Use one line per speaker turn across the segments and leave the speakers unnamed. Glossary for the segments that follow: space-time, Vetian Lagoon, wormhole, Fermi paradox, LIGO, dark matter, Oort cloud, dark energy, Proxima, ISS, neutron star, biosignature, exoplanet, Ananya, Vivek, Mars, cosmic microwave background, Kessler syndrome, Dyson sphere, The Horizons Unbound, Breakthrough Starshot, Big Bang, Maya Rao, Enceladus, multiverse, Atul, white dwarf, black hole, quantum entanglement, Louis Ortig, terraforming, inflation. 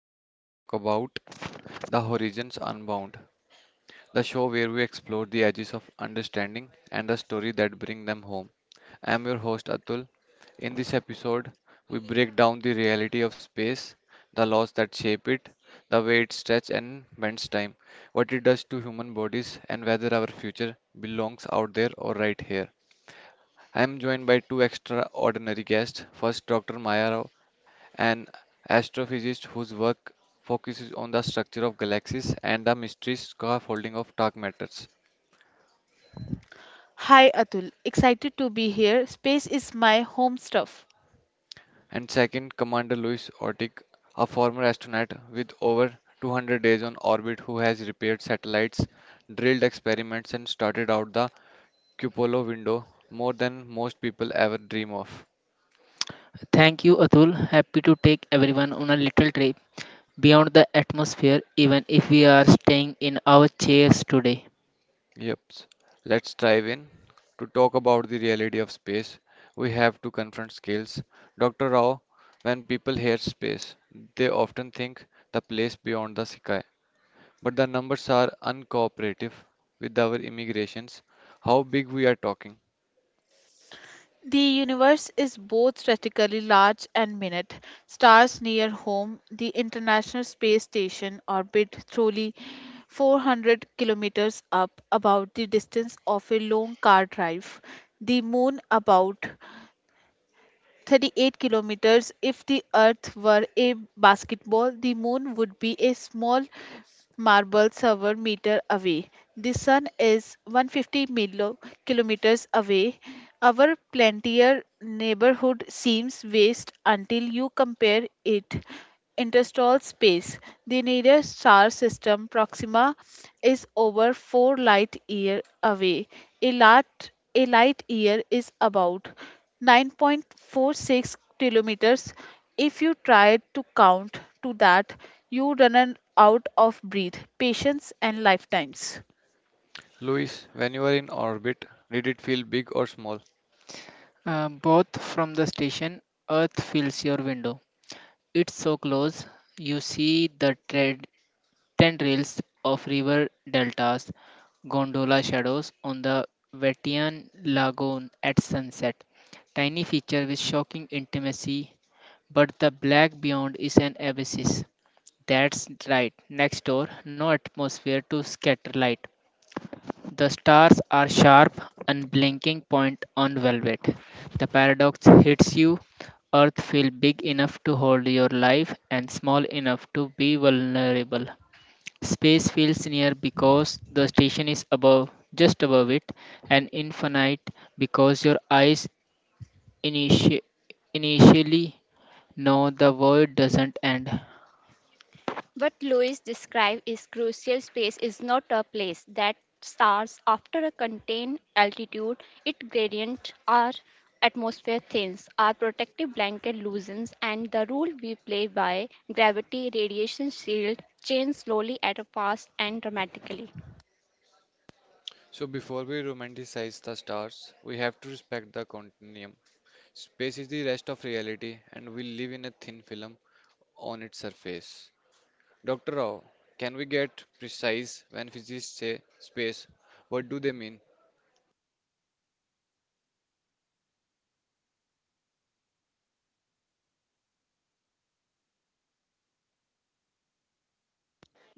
we are going to talk about The Horizons Unbound, the show where we explore the edges of understanding and the story that bring them home. I am your host, Atul. In this episode, we break down the reality of space, the laws that shape it, the way it stretches and bends time, what it does to human bodies, and whether our future belongs out there or right here. I am joined by two extraordinary guests. First, Dr. Maya Rao, an astrophysicist whose work focuses on the structure of galaxies and the mysterious scaffolding of dark matters.
Hi Atul, excited to be here. Space is my home stuff.
And second, Commander Louis Ortig, a former astronaut with over 200 days on orbit who has repaired satellites, drilled experiments, and started out the cupola window more than most people ever dream of.
Thank you, Atul. Happy to take everyone on a little trip beyond the atmosphere, even if we are staying in our chairs today.
Yep. Let's dive in. To talk about the reality of space, we have to confront scales. Dr. Rao, when people hear space, they often think the place beyond the sky. But the numbers are uncooperative with our immigrations. How big we are talking?
The universe is both strategically large and minute. Stars near home, the International Space Station orbit truly 400 kilometers up, about the distance of a long car drive. The moon about 38 kilometers. If the Earth were a basketball, the moon would be a small marble server meter away. The sun is 150 kilometers away. Our plantier neighborhood seems vast until you compare it interstellar space. The nearest star system, Proxima, is over 4 light year away. A light year is about 9.46 kilometers. If you try to count to that, you run out of breath, patience, and lifetimes.
Luis, when you were in orbit, did it feel big or small?
Both from the station, Earth fills your window. It's so close, you see the tendrils of river deltas, gondola shadows on the Vetian Lagoon at sunset. Tiny feature with shocking intimacy, but the black beyond is an abyss. That's right, next door, no atmosphere to scatter light. The stars are sharp, unblinking point on velvet. The paradox hits you. Earth feels big enough to hold your life and small enough to be vulnerable. Space feels near because the station is above, just above it, and infinite because your eyes initi- initially know the world doesn't end.
What Lewis described is crucial space is not a place that starts after a contained altitude. It gradient our atmosphere thins, our protective blanket loosens, and the rule we play by gravity, radiation shield, change slowly at a fast and dramatically.
So before we romanticize the stars, we have to respect the continuum. Space is the rest of reality and we live in a thin film on its surface. Dr. Rao, can we get precise when physicists say space? What do they mean?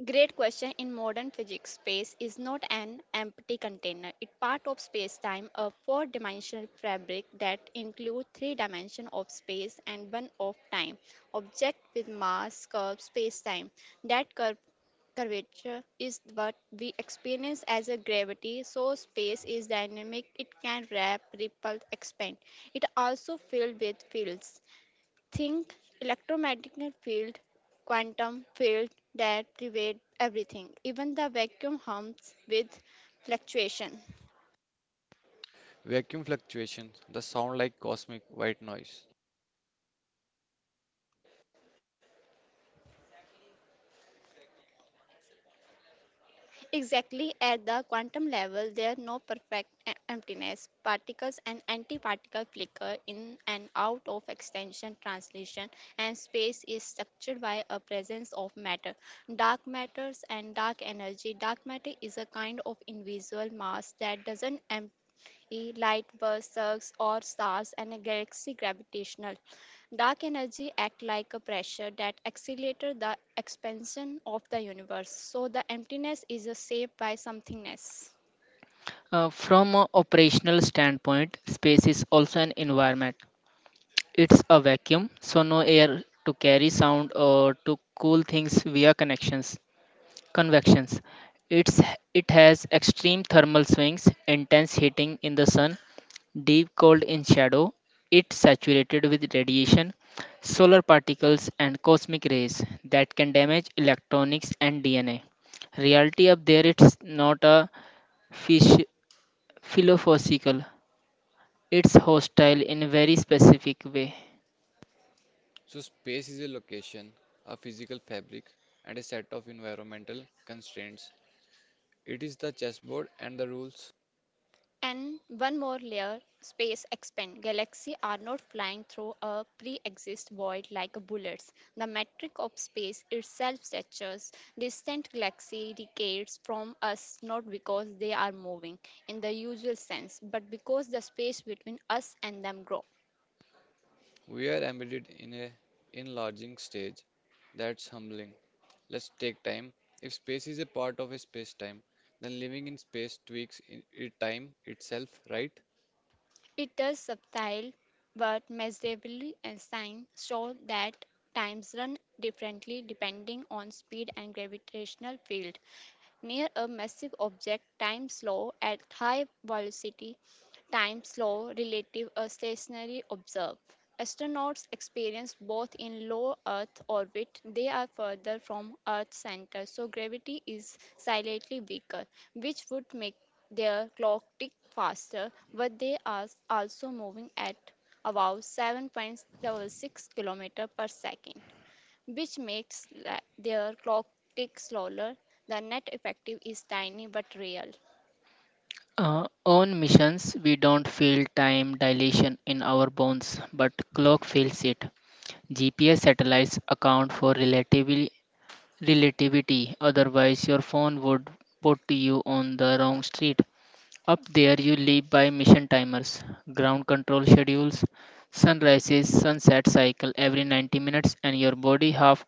Great question. In modern physics, space is not an empty container. It's part of space-time, a four-dimensional fabric that includes three dimensions of space and one of time. Object with mass curve space-time. That curve curvature is what we experience as a gravity, so space is dynamic, it can wrap ripple expand. It also filled with fields. Think electromagnetic field, quantum field that pervade everything, even the vacuum hums with fluctuation.
Vacuum fluctuations that sound like cosmic white noise.
Exactly at the quantum level, there are no perfect emptiness. Particles and antiparticle flicker in and out of extension, translation, and space is structured by a presence of matter. Dark matters and dark energy. Dark matter is a kind of invisible mass that doesn't empty e light bursts or stars and a galaxy gravitational dark energy act like a pressure that accelerates the expansion of the universe, so the emptiness is a shaped by somethingness.
From an operational standpoint, space is also an environment. It's a vacuum, so no air to carry sound or to cool things via connections, convections. It's it has extreme thermal swings, intense heating in the sun, deep cold in shadow. It's saturated with radiation, solar particles, and cosmic rays that can damage electronics and DNA. Reality up there, it's not a fish philosophical it's hostile in a very specific way.
So, space is a location, a physical fabric, and a set of environmental constraints. It is the chessboard and the rules.
And one more layer space expand. Galaxies are not flying through a pre exist void like bullets. The metric of space itself stretches distant galaxies decades from us, not because they are moving in the usual sense, but because the space between us and them grow.
We are embedded in a enlarging stage, that's humbling. Let's take time. If space is a part of a space time, then living in space tweaks it time itself, right?
It does subtle but measurably and sign show that times run differently depending on speed and gravitational field. Near a massive object, time slow at high velocity, time slow relative a stationary observe. Astronauts experience both in low Earth orbit, they are further from Earth's center, so gravity is slightly weaker, which would make their clock tick faster, but they are also moving at about 7.76 km per second, which makes their clock tick slower. The net effective is tiny but real.
On missions, we don't feel time dilation in our bones, but clock feels it. GPS satellites account for relativity, otherwise, your phone would put you on the wrong street. Up there, you live by mission timers, ground control schedules, sunrises, sunset cycle every 90 minutes, and your body half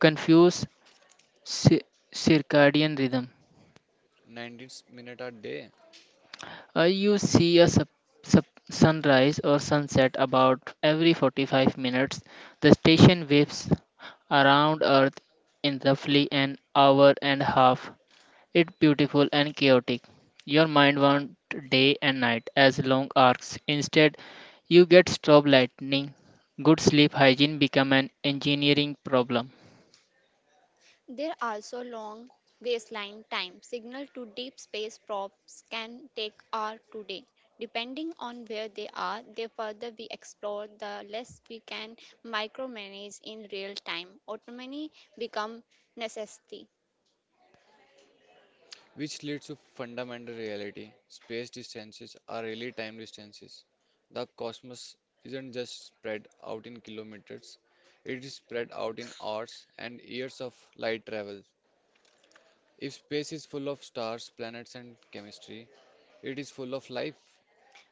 confused circadian rhythm.
19 minutes a day.
You see a sunrise or sunset about every 45 minutes. The station whips around Earth in roughly an hour and a half. It's beautiful and chaotic. Your mind wants day and night as long arcs. Instead, you get strobe lightning. Good sleep hygiene become an engineering problem.
There are also long baseline time. Signal to deep space probes can take hours today. Depending on where they are, the further we explore, the less we can micromanage in real time. Autonomy becomes necessity.
Which leads to fundamental reality. Space distances are really time distances. The cosmos isn't just spread out in kilometers, it is spread out in hours and years of light travel. If space is full of stars, planets, and chemistry, it is full of life.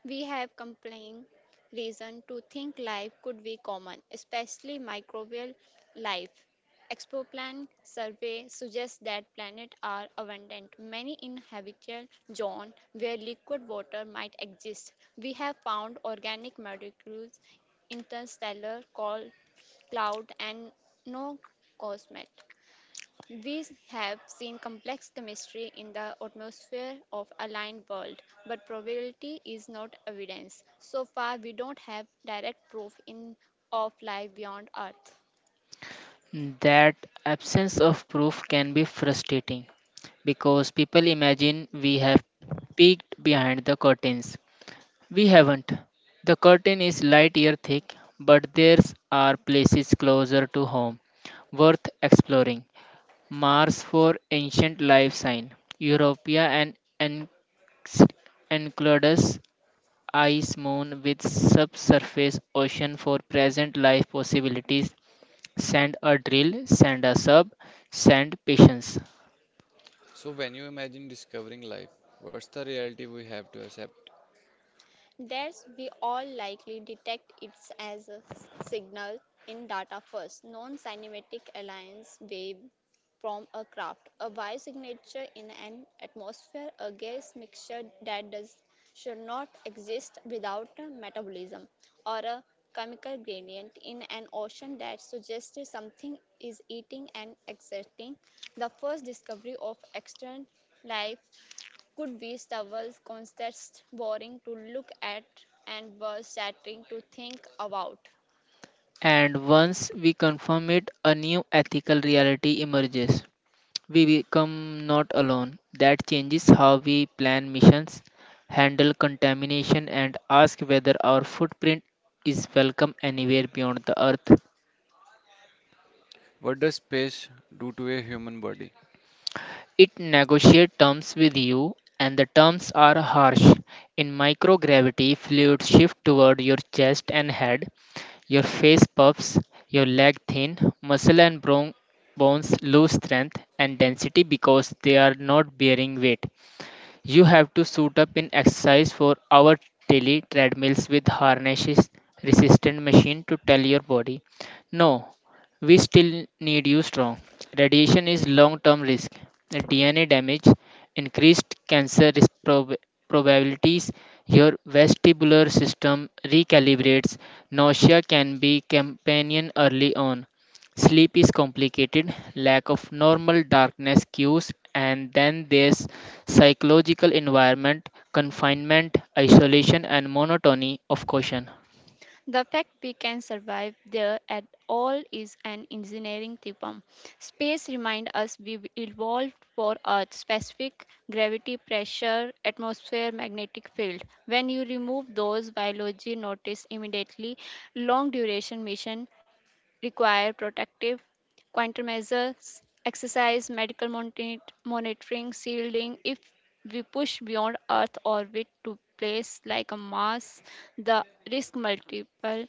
We have compelling reason to think life could be common, especially microbial life. Exoplan survey suggests that planets are abundant, many in habitable zone where liquid water might exist. We have found organic molecules, interstellar col- cloud, and no cosmet. We have seen complex chemistry in the atmosphere of aligned world, but probability is not evidence. So far, we don't have direct proof in of life beyond Earth.
That absence of proof can be frustrating because people imagine we have peeked behind the curtains. We haven't. The curtain is light year thick, but there are places closer to home worth exploring. Mars for ancient life sign, Europea and Enc- Enceladus ice moon with subsurface ocean for present life possibilities send a drill, send a sub, send patience.
So, when you imagine discovering life, what's the reality we have to accept?
Thus, we all likely detect it as a signal in data first, non cymatic alliance wave from a craft, a biosignature in an atmosphere, a gas mixture that does should not exist without a metabolism, or a chemical gradient in an ocean that suggests something is eating and exerting. The first discovery of extant life could be Stowell's concepts boring to look at and were shattering to think about.
And once we confirm it, a new ethical reality emerges. We become not alone. That changes how we plan missions, handle contamination, and ask whether our footprint is welcome anywhere beyond the earth.
What does space do to a human body?
It negotiates terms with you, and the terms are harsh. In microgravity, fluids shift toward your chest and head, your face puffs, your leg thin, muscle and bones lose strength and density because they are not bearing weight. You have to suit up in exercise for hour daily treadmills with harnesses resistant machine to tell your body no, we still need you strong. Radiation is long term risk, DNA damage, increased cancer risk probabilities. Your vestibular system recalibrates, nausea can be companion early on, sleep is complicated, lack of normal darkness cues, and then there's psychological environment, confinement, isolation, and monotony of caution.
The fact we can survive there at all is an engineering theorem. Space reminds us we evolved for Earth specific gravity, pressure, atmosphere, magnetic field. When you remove those biology notice immediately long duration mission require protective countermeasures, exercise, medical monitoring, shielding. If we push beyond Earth orbit to place like a Mars, the risk multiple,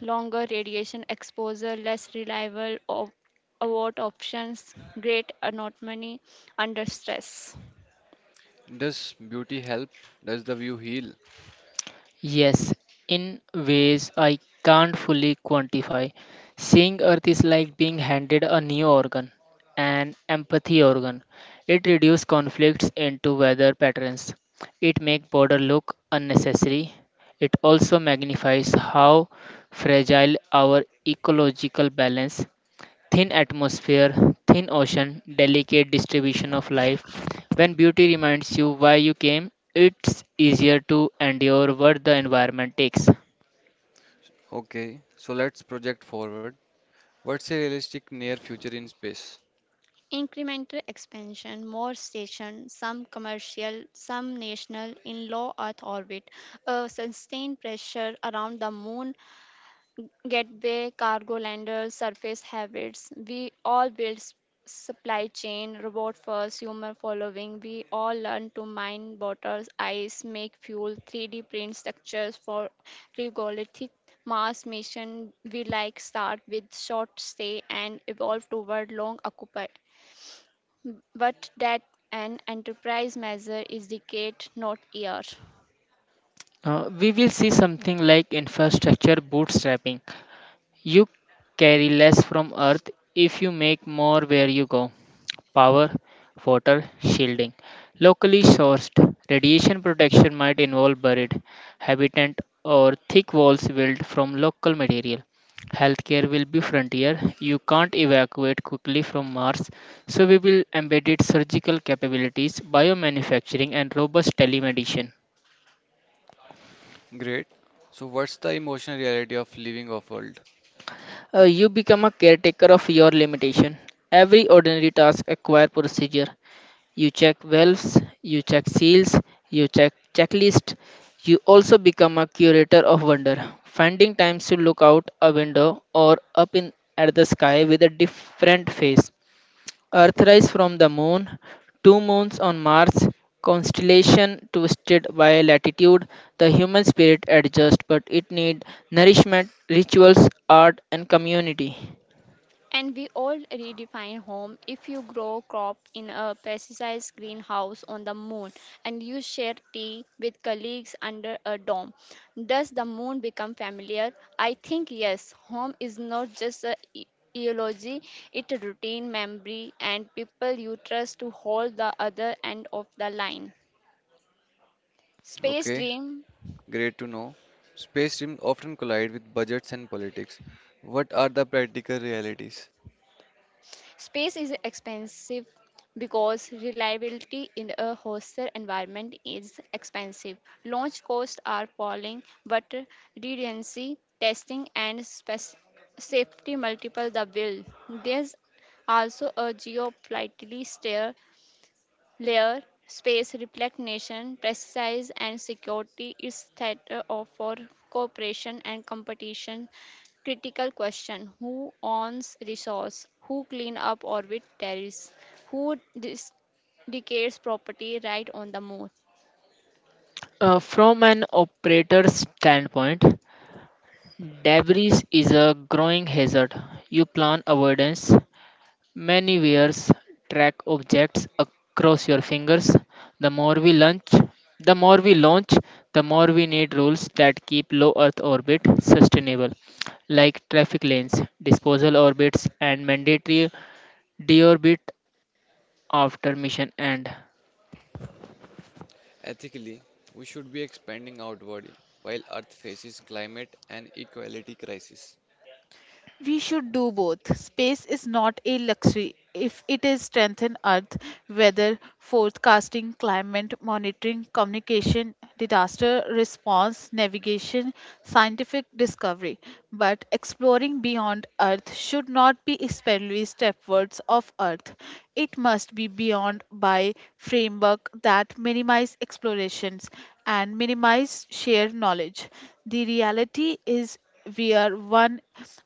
longer radiation exposure, less reliable abort options, great autonomy under stress.
Does beauty help? Does the view heal?
Yes, in ways I can't fully quantify. Seeing Earth is like being handed a new organ, an empathy organ. It reduces conflicts into weather patterns. It makes border look unnecessary. It also magnifies how fragile our ecological balance. Thin atmosphere, thin ocean, delicate distribution of life. When beauty reminds you why you came, it's easier to endure what the environment takes.
Okay, so let's project forward. What's a realistic near future in space?
Incremental expansion, more stations, some commercial, some national, in low Earth orbit, a sustained pressure around the moon, gateway, cargo landers, surface habits. We all build supply chain, robot first, human following. We all learn to mine waters, ice, make fuel, 3D print structures for regolithic Mars mission. We like start with short stay and evolve toward long occupy, but that an enterprise measure is decade, not year.
We will see something like infrastructure bootstrapping. You carry less from Earth if you make more where you go. Power, water, shielding. Locally sourced radiation protection might involve buried habitat or thick walls built from local material. Healthcare will be frontier. You can't evacuate quickly from Mars, so we will embedded surgical capabilities, biomanufacturing, and robust telemedicine.
Great. So, what's the emotional reality of living off world?
You become a caretaker of your limitation. Every ordinary task acquire procedure. You check valves, you check seals, you check checklist. You also become a curator of wonder, finding times to look out a window or up in at the sky with a different face. Earthrise from the moon, two moons on Mars, constellation twisted by latitude. The human spirit adjusts, but it needs nourishment, rituals, art, and community.
And we all redefine home. If you grow crop in a pesticide greenhouse on the moon and you share tea with colleagues under a dome, does the moon become familiar? I think yes. Home is not just a eulogy, it's a routine memory and people you trust to hold the other end of the line. Space
Okay,
dream.
great to know. Space dreams often collide with budgets and politics. What are the practical realities?
Space is expensive because reliability in a hostile environment is expensive. Launch costs are falling, but redundancy, testing, and safety multiple the bill. There's also a geopolitical stare layer, space, reflect nation, precise and security is theater of for cooperation and competition. Critical question: who owns resource? Who clean up orbit terrace? Who decays property right on the moon?
From an operator's standpoint, debris is a growing hazard. You plan avoidance. Many wears track objects across your fingers. The more we launch, the more we launch, the more we need rules that keep low Earth orbit sustainable, like traffic lanes, disposal orbits, and mandatory deorbit after mission end.
Ethically, we should be expanding outward while Earth faces climate and equality crisis.
We should do both. Space is not a luxury if it is strengthen earth, weather forecasting, climate monitoring, communication, disaster response, navigation, scientific discovery. But exploring beyond earth should not be especially stepwards of earth. It must be beyond by framework that minimize explorations and minimize shared knowledge. The reality is we are one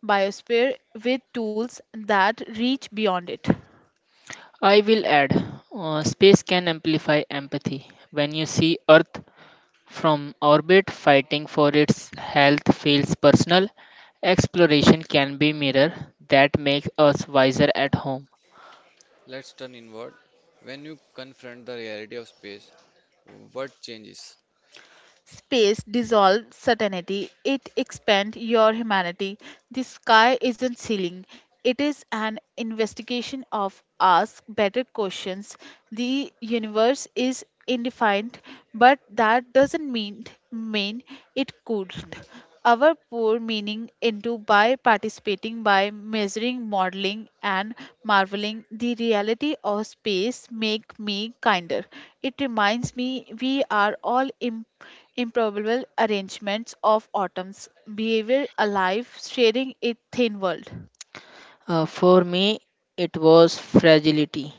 biosphere with tools that reach beyond it.
I will add, space can amplify empathy. When you see Earth from orbit, fighting for its health feels personal. Exploration can be mirror that makes us wiser at home.
Let's turn inward. When you confront the reality of space, what changes?
Space dissolves certainty, it expands your humanity. The sky isn't ceiling, it is an investigation of ask better questions. The universe is indefined, but that doesn't mean it couldn't. Our poor meaning into by participating, by measuring, modeling, and marveling the reality of space make me kinder. It reminds me we are all imperfect improbable arrangements of atoms, behavior alive, sharing a thin world.
For me, it was fragility.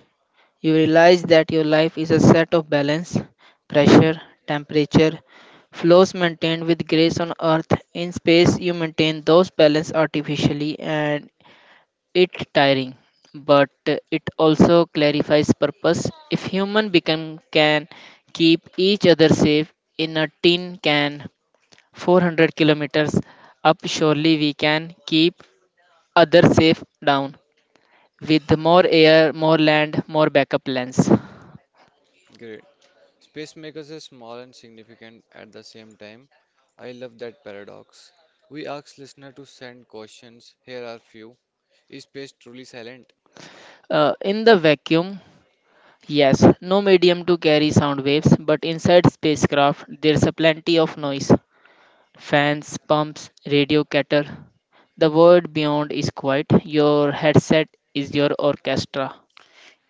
You realize that your life is a set of balance, pressure, temperature, flows maintained with grace on earth. In space, you maintain those balance artificially, and it's tiring, but it also clarifies purpose. If human become can keep each other safe in a tin can 400 kilometers up, surely we can keep others safe down with more air, more land, more backup plans.
Great. Spacemakers is small and significant at the same time. I love that paradox. We ask listener to send questions. Here are few. Is space truly silent?
In the vacuum, yes, no medium to carry sound waves, but inside spacecraft there's a plenty of noise. Fans, pumps, radio cattle. The world beyond is quiet. Your headset is your orchestra.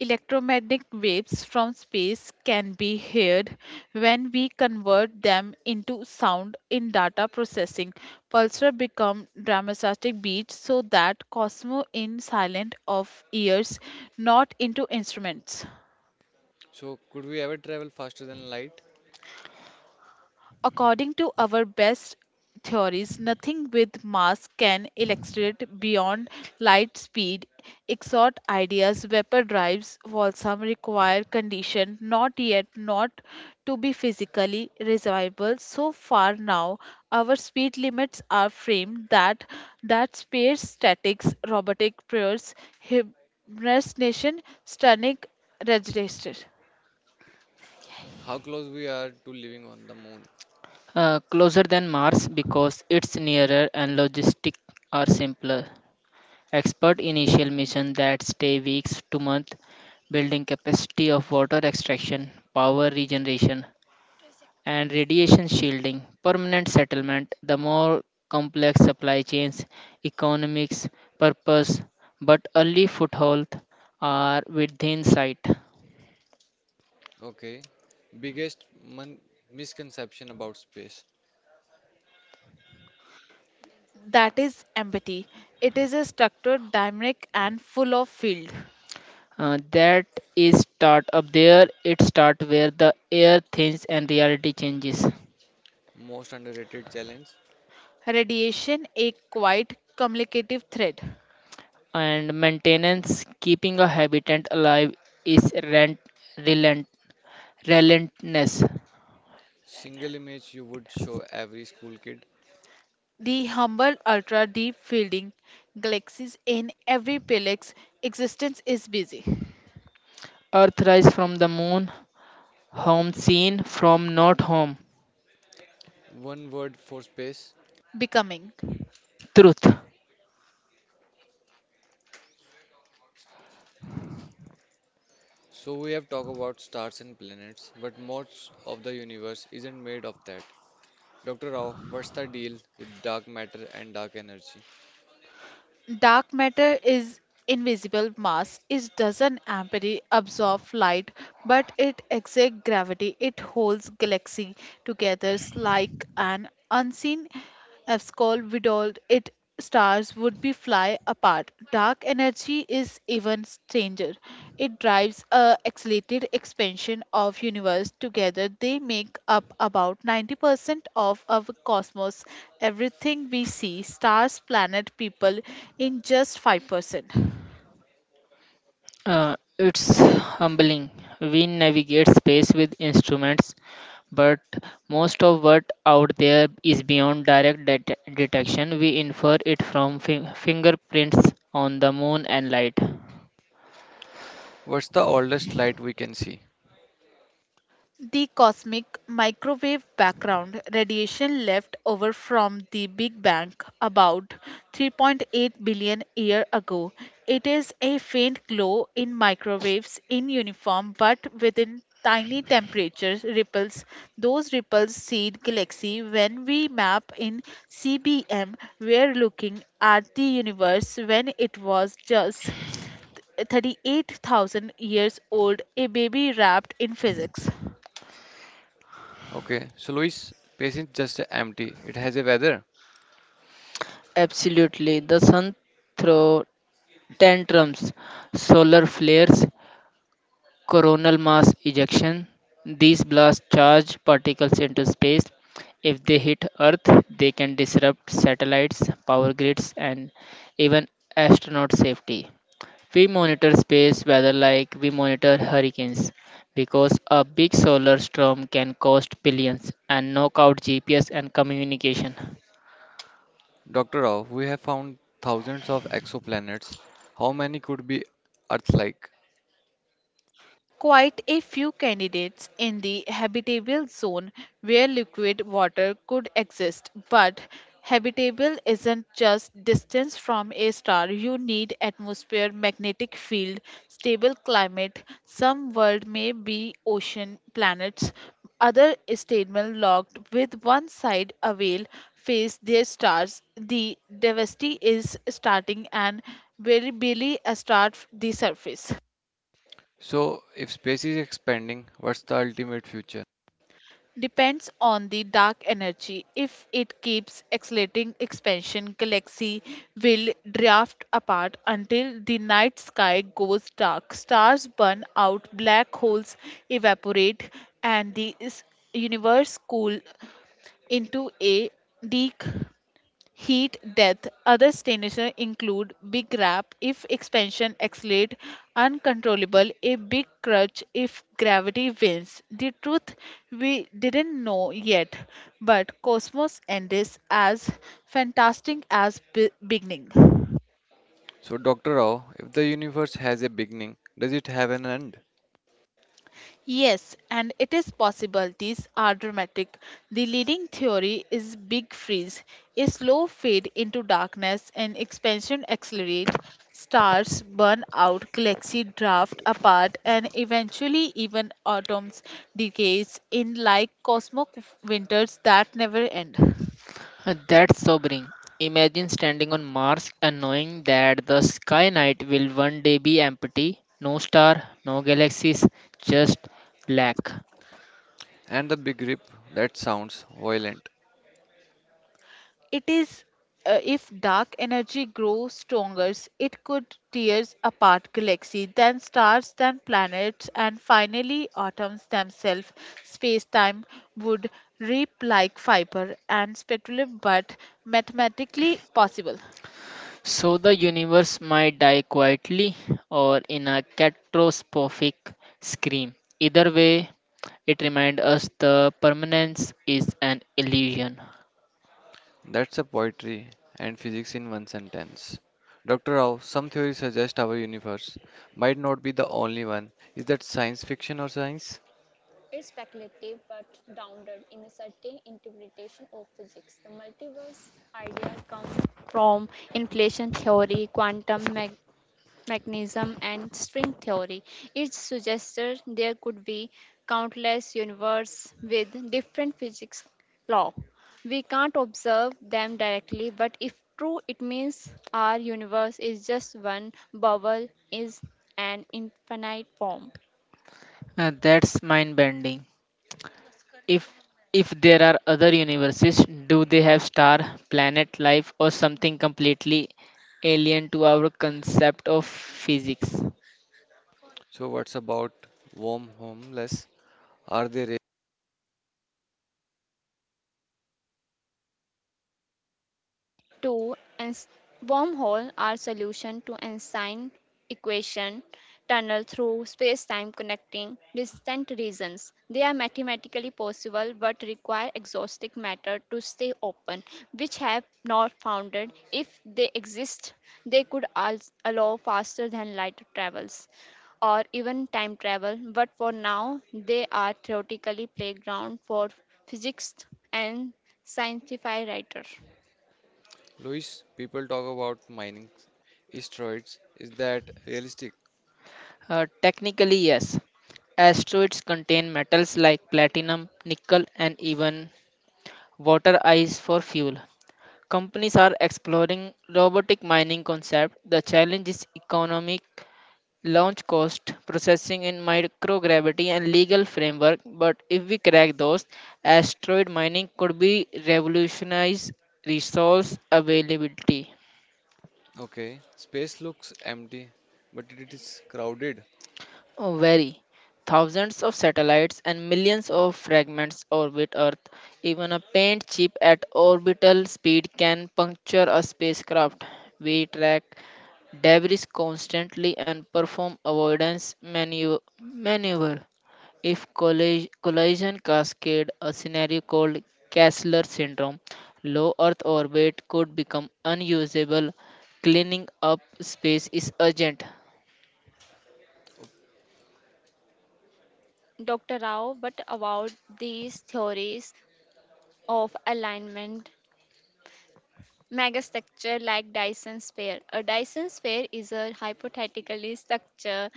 Electromagnetic waves from space can be heard when we convert them into sound in data processing. Pulsar become dramatic beats so that Cosmo in silent of ears, not into instruments.
So could we ever travel faster than light?
According to our best theories, nothing with mass can electrate beyond light speed. Exhort ideas, vapor drives, some require condition not yet not to be physically resolvable. So far now, our speed limits are framed that space statics, robotic prayers, hibernation, stunning registration.
How close we are to living on the moon?
Closer than Mars because it's nearer and logistics are simpler. Expert initial mission that stay weeks to month, building capacity of water extraction, power regeneration, and radiation shielding, permanent settlement, the more complex supply chains, economics, purpose, but early foothold are within sight.
Okay. Biggest misconception about space.
That is empathy. It is a structured, dynamic, and full of field.
That is start up there, it start where the air thins and reality changes.
Most underrated challenge.
Radiation, a quite communicative thread.
And maintenance, keeping a habitat alive is relent, relentless.
Single image you would show every school kid.
The humble ultra deep fielding galaxies in every pelex existence is busy
Earth rise from the moon, home seen from not home.
One word for space.
becoming.
Truth.
So we have talked about stars and planets, but most of the universe isn't made of that. Dr. Rao, what's the deal with dark matter and dark energy?
Dark matter is invisible mass, it doesn't absorb light, but it exerts gravity, it holds galaxy together like an unseen abscol, without it stars would be fly apart. Dark energy is even stranger. It drives a accelerated expansion of universe. Together they make up about 90% of our cosmos. Everything we see, stars, planet, people in just 5%.
It's humbling. We navigate space with instruments, but most of what out there is beyond direct detection. We infer it from fingerprints on the moon and light.
What's the oldest light we can see?
The cosmic microwave background radiation left over from the Big Bang about 3.8 billion years ago. It is a faint glow in microwaves in uniform but within tiny temperature ripples. Those ripples seed galaxy when we map in CBM we're looking at the universe when it was just 38,000 years old, a baby wrapped in physics.
Okay, so Luis, space is just empty. It has a weather.
Absolutely. The sun throws tantrums, solar flares, coronal mass ejection. These blast charge particles into space. If they hit Earth, they can disrupt satellites, power grids, and even astronaut safety. We monitor space weather like we monitor hurricanes because a big solar storm can cost billions and knock out GPS and communication.
Dr. Rao, we have found thousands of exoplanets. How many could be Earth-like?
Quite a few candidates in the habitable zone where liquid water could exist, but habitable isn't just distance from a star. You need atmosphere, magnetic field, stable climate. Some world may be ocean planets, other stable locked with one side away face their stars. The diversity is starting and very barely start the surface.
So if space is expanding, what's the ultimate future?
Depends on the dark energy. If it keeps accelerating expansion, galaxy will drift apart until the night sky goes dark. Stars burn out, black holes evaporate, and the universe cool into a leak heat death. Other destinations include big rap if expansion accelerates uncontrollable, a big crutch if gravity wins. The truth we didn't know yet, but Cosmos ends as fantastic as beginning.
So Dr. Rao, if the universe has a beginning, does it have an end?
Yes, and it is possible these are dramatic. The leading theory is big freeze, a slow fade into darkness and expansion accelerate, stars burn out, galaxy drift apart and eventually even atoms decays in like cosmic winters that never end.
Huh, that's sobering. Imagine standing on Mars and knowing that the sky night will one day be empty, no star, no galaxies, just black.
And the big rip, that sounds violent.
It is if dark energy grows stronger, it could tear apart galaxies, then stars, then planets, and finally atoms themselves. Space-time would rip like fiber and speculative, but mathematically possible.
So the universe might die quietly or in a catastrophic scream. Either way, it reminds us the permanence is an illusion.
That's a poetry and physics in one sentence. Dr. Rao, some theories suggest our universe might not be the only one. Is that science fiction or science?
It's speculative but grounded in a certain interpretation of physics. The multiverse idea comes from inflation theory, quantum me. Mechanism and string theory. It suggested there could be countless universes with different physics law. We can't observe them directly, but if true, it means our universe is just one bubble is an infinite form.
That's mind bending. If if there are other universes, do they have star, planet life or something completely alien to our concept of physics?
So what's about wormholes? Are they real?
Two, wormhole are solution to Einstein equation tunnel through space-time connecting distant regions. They are mathematically possible but require exhaustive matter to stay open, which have not founded. If they exist, they could allow faster than light travels or even time travel, but for now they are theoretically playground for physicists and scientific writers.
Luis, people talk about mining asteroids. Is that realistic?
Technically, yes. Asteroids contain metals like platinum, nickel, and even water ice for fuel. Companies are exploring robotic mining concept. The challenge is economic launch cost, processing in microgravity, and legal framework. But if we crack those, asteroid mining could be revolutionize resource availability.
Okay, space looks empty, but it is crowded.
Oh, very. Thousands of satellites and millions of fragments orbit Earth. Even a paint chip at orbital speed can puncture a spacecraft. We track debris constantly and perform avoidance maneuver. If collision cascade, a scenario called Kessler syndrome, low Earth orbit could become unusable. Cleaning up space is urgent.
Dr. Rao, but about these theories of alignment. Megastructure like Dyson sphere. A Dyson sphere is a hypothetical structure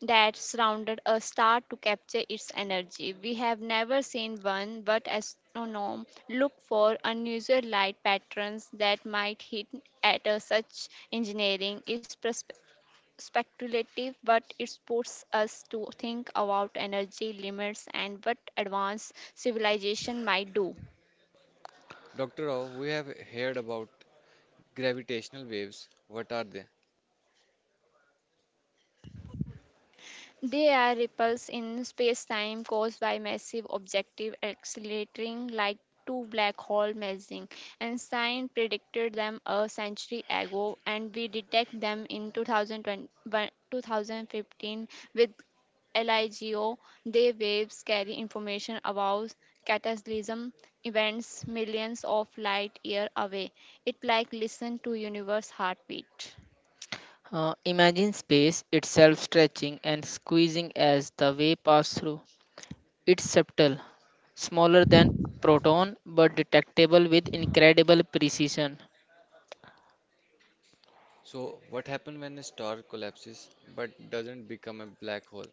that surrounded a star to capture its energy. We have never seen one, but astronomers look for unusual light patterns that might hint at a such engineering is speculative, but it forces us to think about energy limits and what advanced civilization might do.
Dr. Rao, we have heard about gravitational waves. What are they?
They are ripples in space-time caused by massive objective accelerating like two black hole merging, and science predicted them a century ago, and we detect them in 2020, 2015 with LIGO. They waves carry information about cataclysm events millions of light year away. It like listen to universe heartbeat.
Imagine space itself stretching and squeezing as the wave passes through. It's subtle, smaller than proton, but detectable with incredible precision.
So, what happens when a star collapses but doesn't become a black hole?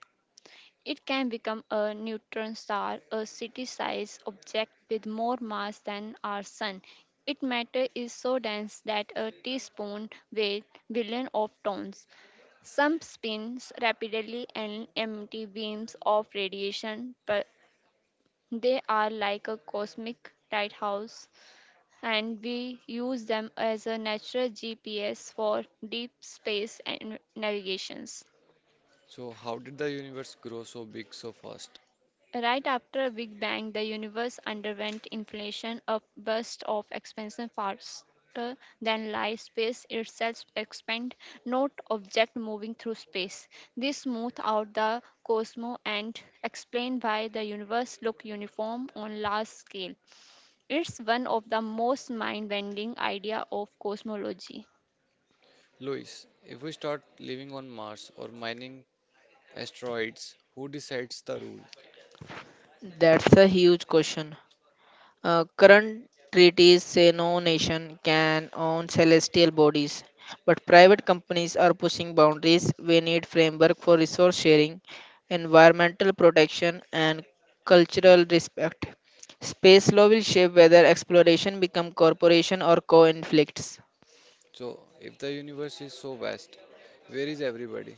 It can become a neutron star, a city-sized object with more mass than our sun. Its matter is so dense that a teaspoon weighs billions of tons. Some spins rapidly and emit beams of radiation, but they are like a cosmic lighthouse, and we use them as a natural GPS for deep space and navigations.
So, how did the universe grow so big so fast?
Right after Big Bang, the universe underwent inflation, a burst of expansion faster than light. Space itself expand, not object moving through space. This smoothed out the cosmos and explain why the universe look uniform on large scale. It's one of the most mind-bending idea of cosmology.
Louis, if we start living on Mars or mining asteroids, who decides the rule?
That's a huge question. Current treaties say no nation can own celestial bodies, but private companies are pushing boundaries. We need framework for resource sharing, environmental protection, and cultural respect. Space law will shape whether exploration become corporation or co-inflicts.
So, if the universe is so vast, where is everybody?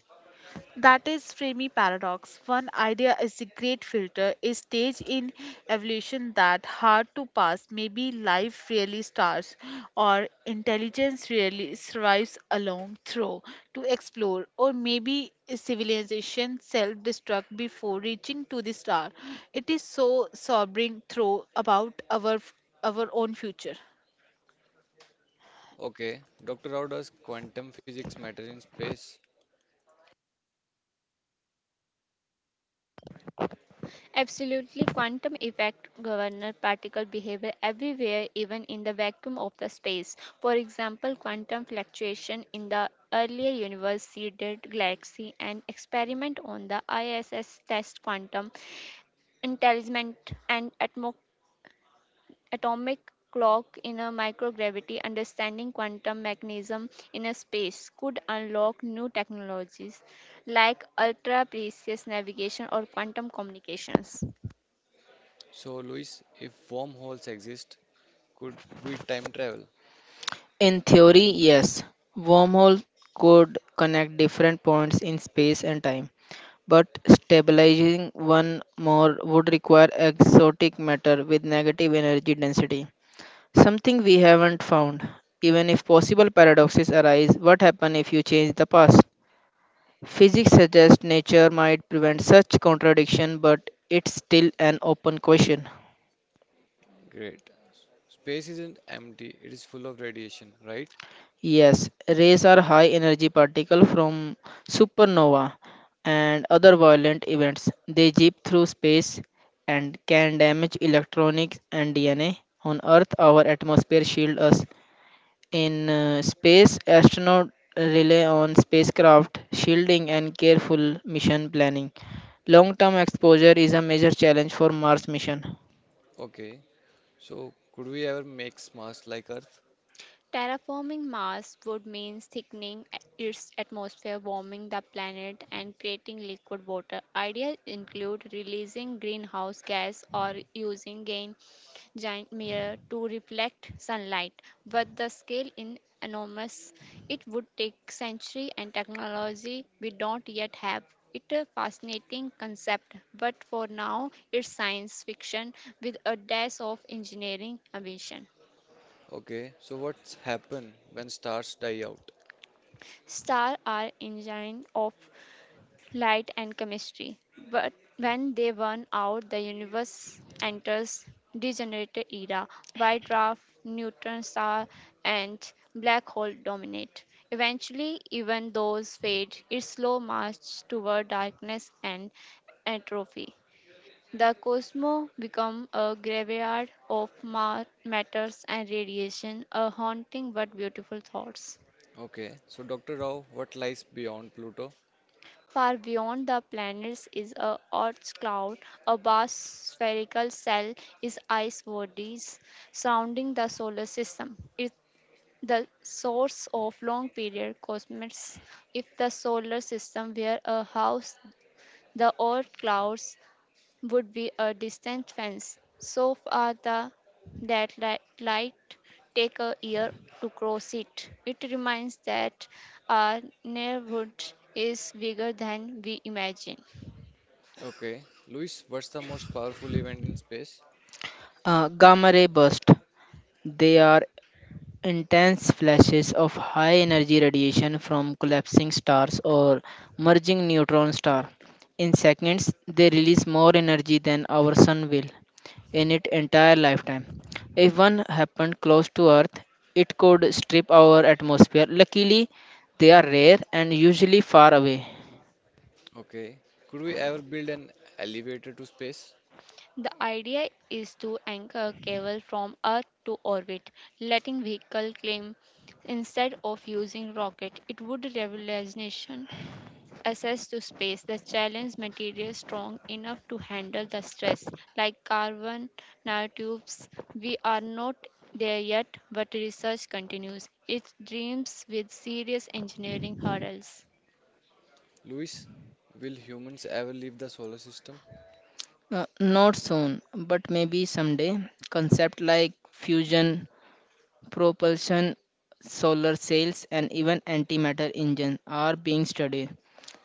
That is Fermi paradox. One idea is a great filter, a stage in evolution that hard to pass. Maybe life really starts, or intelligence really survives along through to explore, or maybe civilization self-destruct before reaching to the star. It is so sobering through about our own future.
Okay, Dr. Rao, does quantum physics matter in space?
Absolutely, quantum effect govern particle behavior everywhere, even in the vacuum of the space. For example, quantum fluctuation in the earlier universe seeded galaxy and experiment on the ISS test quantum entanglement and atomic clock in a microgravity understanding quantum mechanism in a space could unlock new technologies like ultra precise navigation or quantum communications.
So, Louis, if wormholes exist, could we time travel?
In theory, yes, wormhole could connect different points in space and time, but stabilizing one more would require exotic matter with negative energy density, something we haven't found. Even if possible paradoxes arise, what happens if you change the past? Physics suggests nature might prevent such contradiction, but it's still an open question.
Great. Space isn't empty, it is full of radiation, right?
Yes, rays are high energy particles from supernova and other violent events. They zip through space and can damage electronics and DNA. On Earth, our atmosphere shields us. In space, astronauts rely on spacecraft shielding and careful mission planning. Long-term exposure is a major challenge for Mars mission.
Okay. So, could we ever make Mars like Earth?
Terraforming Mars would mean thickening its atmosphere, warming the planet, and creating liquid water. Ideas include releasing greenhouse gas or using gain giant mirror to reflect sunlight, but the scale is enormous. It would take centuries and technology we don't yet have. It's a fascinating concept, but for now it's science fiction with a dash of engineering ambition.
Okay, so what's happen when stars die out?
Stars are engines of light and chemistry, but when they burn out, the universe enters degenerate era. White dwarf, neutron star, and black hole dominate. Eventually, even those fade. Its slow march toward darkness and atrophy. The cosmos become a graveyard of matters and radiation, a haunting but beautiful thoughts.
Okay, so Dr. Rao, what lies beyond Pluto?
Far beyond the planets is a Earth's cloud. A vast spherical cell is ice bodies surrounding the solar system. It the source of long period cosmics. If the solar system were a house, the Earth clouds would be a distant fence. So far, the that light take a year to cross it. It reminds that our neighborhood is bigger than we imagine.
Okay, Luis, what's the most powerful event in space?
Gamma ray burst. They are intense flashes of high energy radiation from collapsing stars or merging neutron star. In seconds, they release more energy than our sun will in its entire lifetime. If one happened close to Earth, it could strip our atmosphere. Luckily, they are rare and usually far away.
Okay, could we ever build an elevator to space?
The idea is to anchor cable from Earth to orbit, letting vehicle climb instead of using rocket. It would revolution access to space the challenge material strong enough to handle the stress like carbon nanotubes we are not there yet but research continues it dreams with serious engineering hurdles.
Luis, will humans ever leave the solar system?
Not soon, but maybe someday. Concept like fusion propulsion, solar sails, and even antimatter engines are being studied.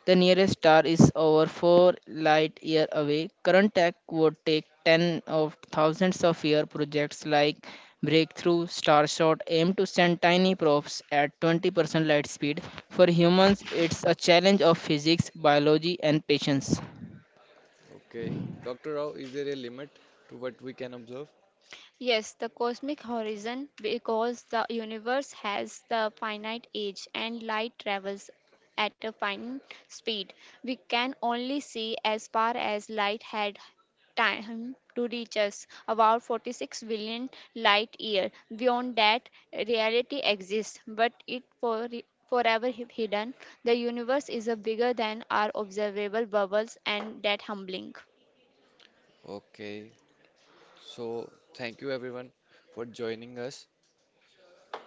The nearest star is over 4 light years away. Current tech would take 10 of thousands of year projects like Breakthrough Starshot aim to send tiny probes at 20% light speed. For humans, it's a challenge of physics, biology, and patience.
Okay, Dr. Rao, is there a limit to what we can observe?
Yes, the cosmic horizon, because the universe has the finite age and light travels at a finite speed. We can only see as far as light had time to reach us, about 46 billion light year. Beyond that, reality exists, but it forever hidden. The universe is a bigger than our observable bubbles and that humbling.
Okay, so thank you everyone for joining us.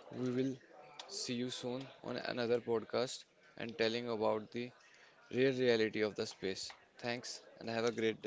We will see you soon on another podcast and telling about the real reality of the space. Thanks and have a great day.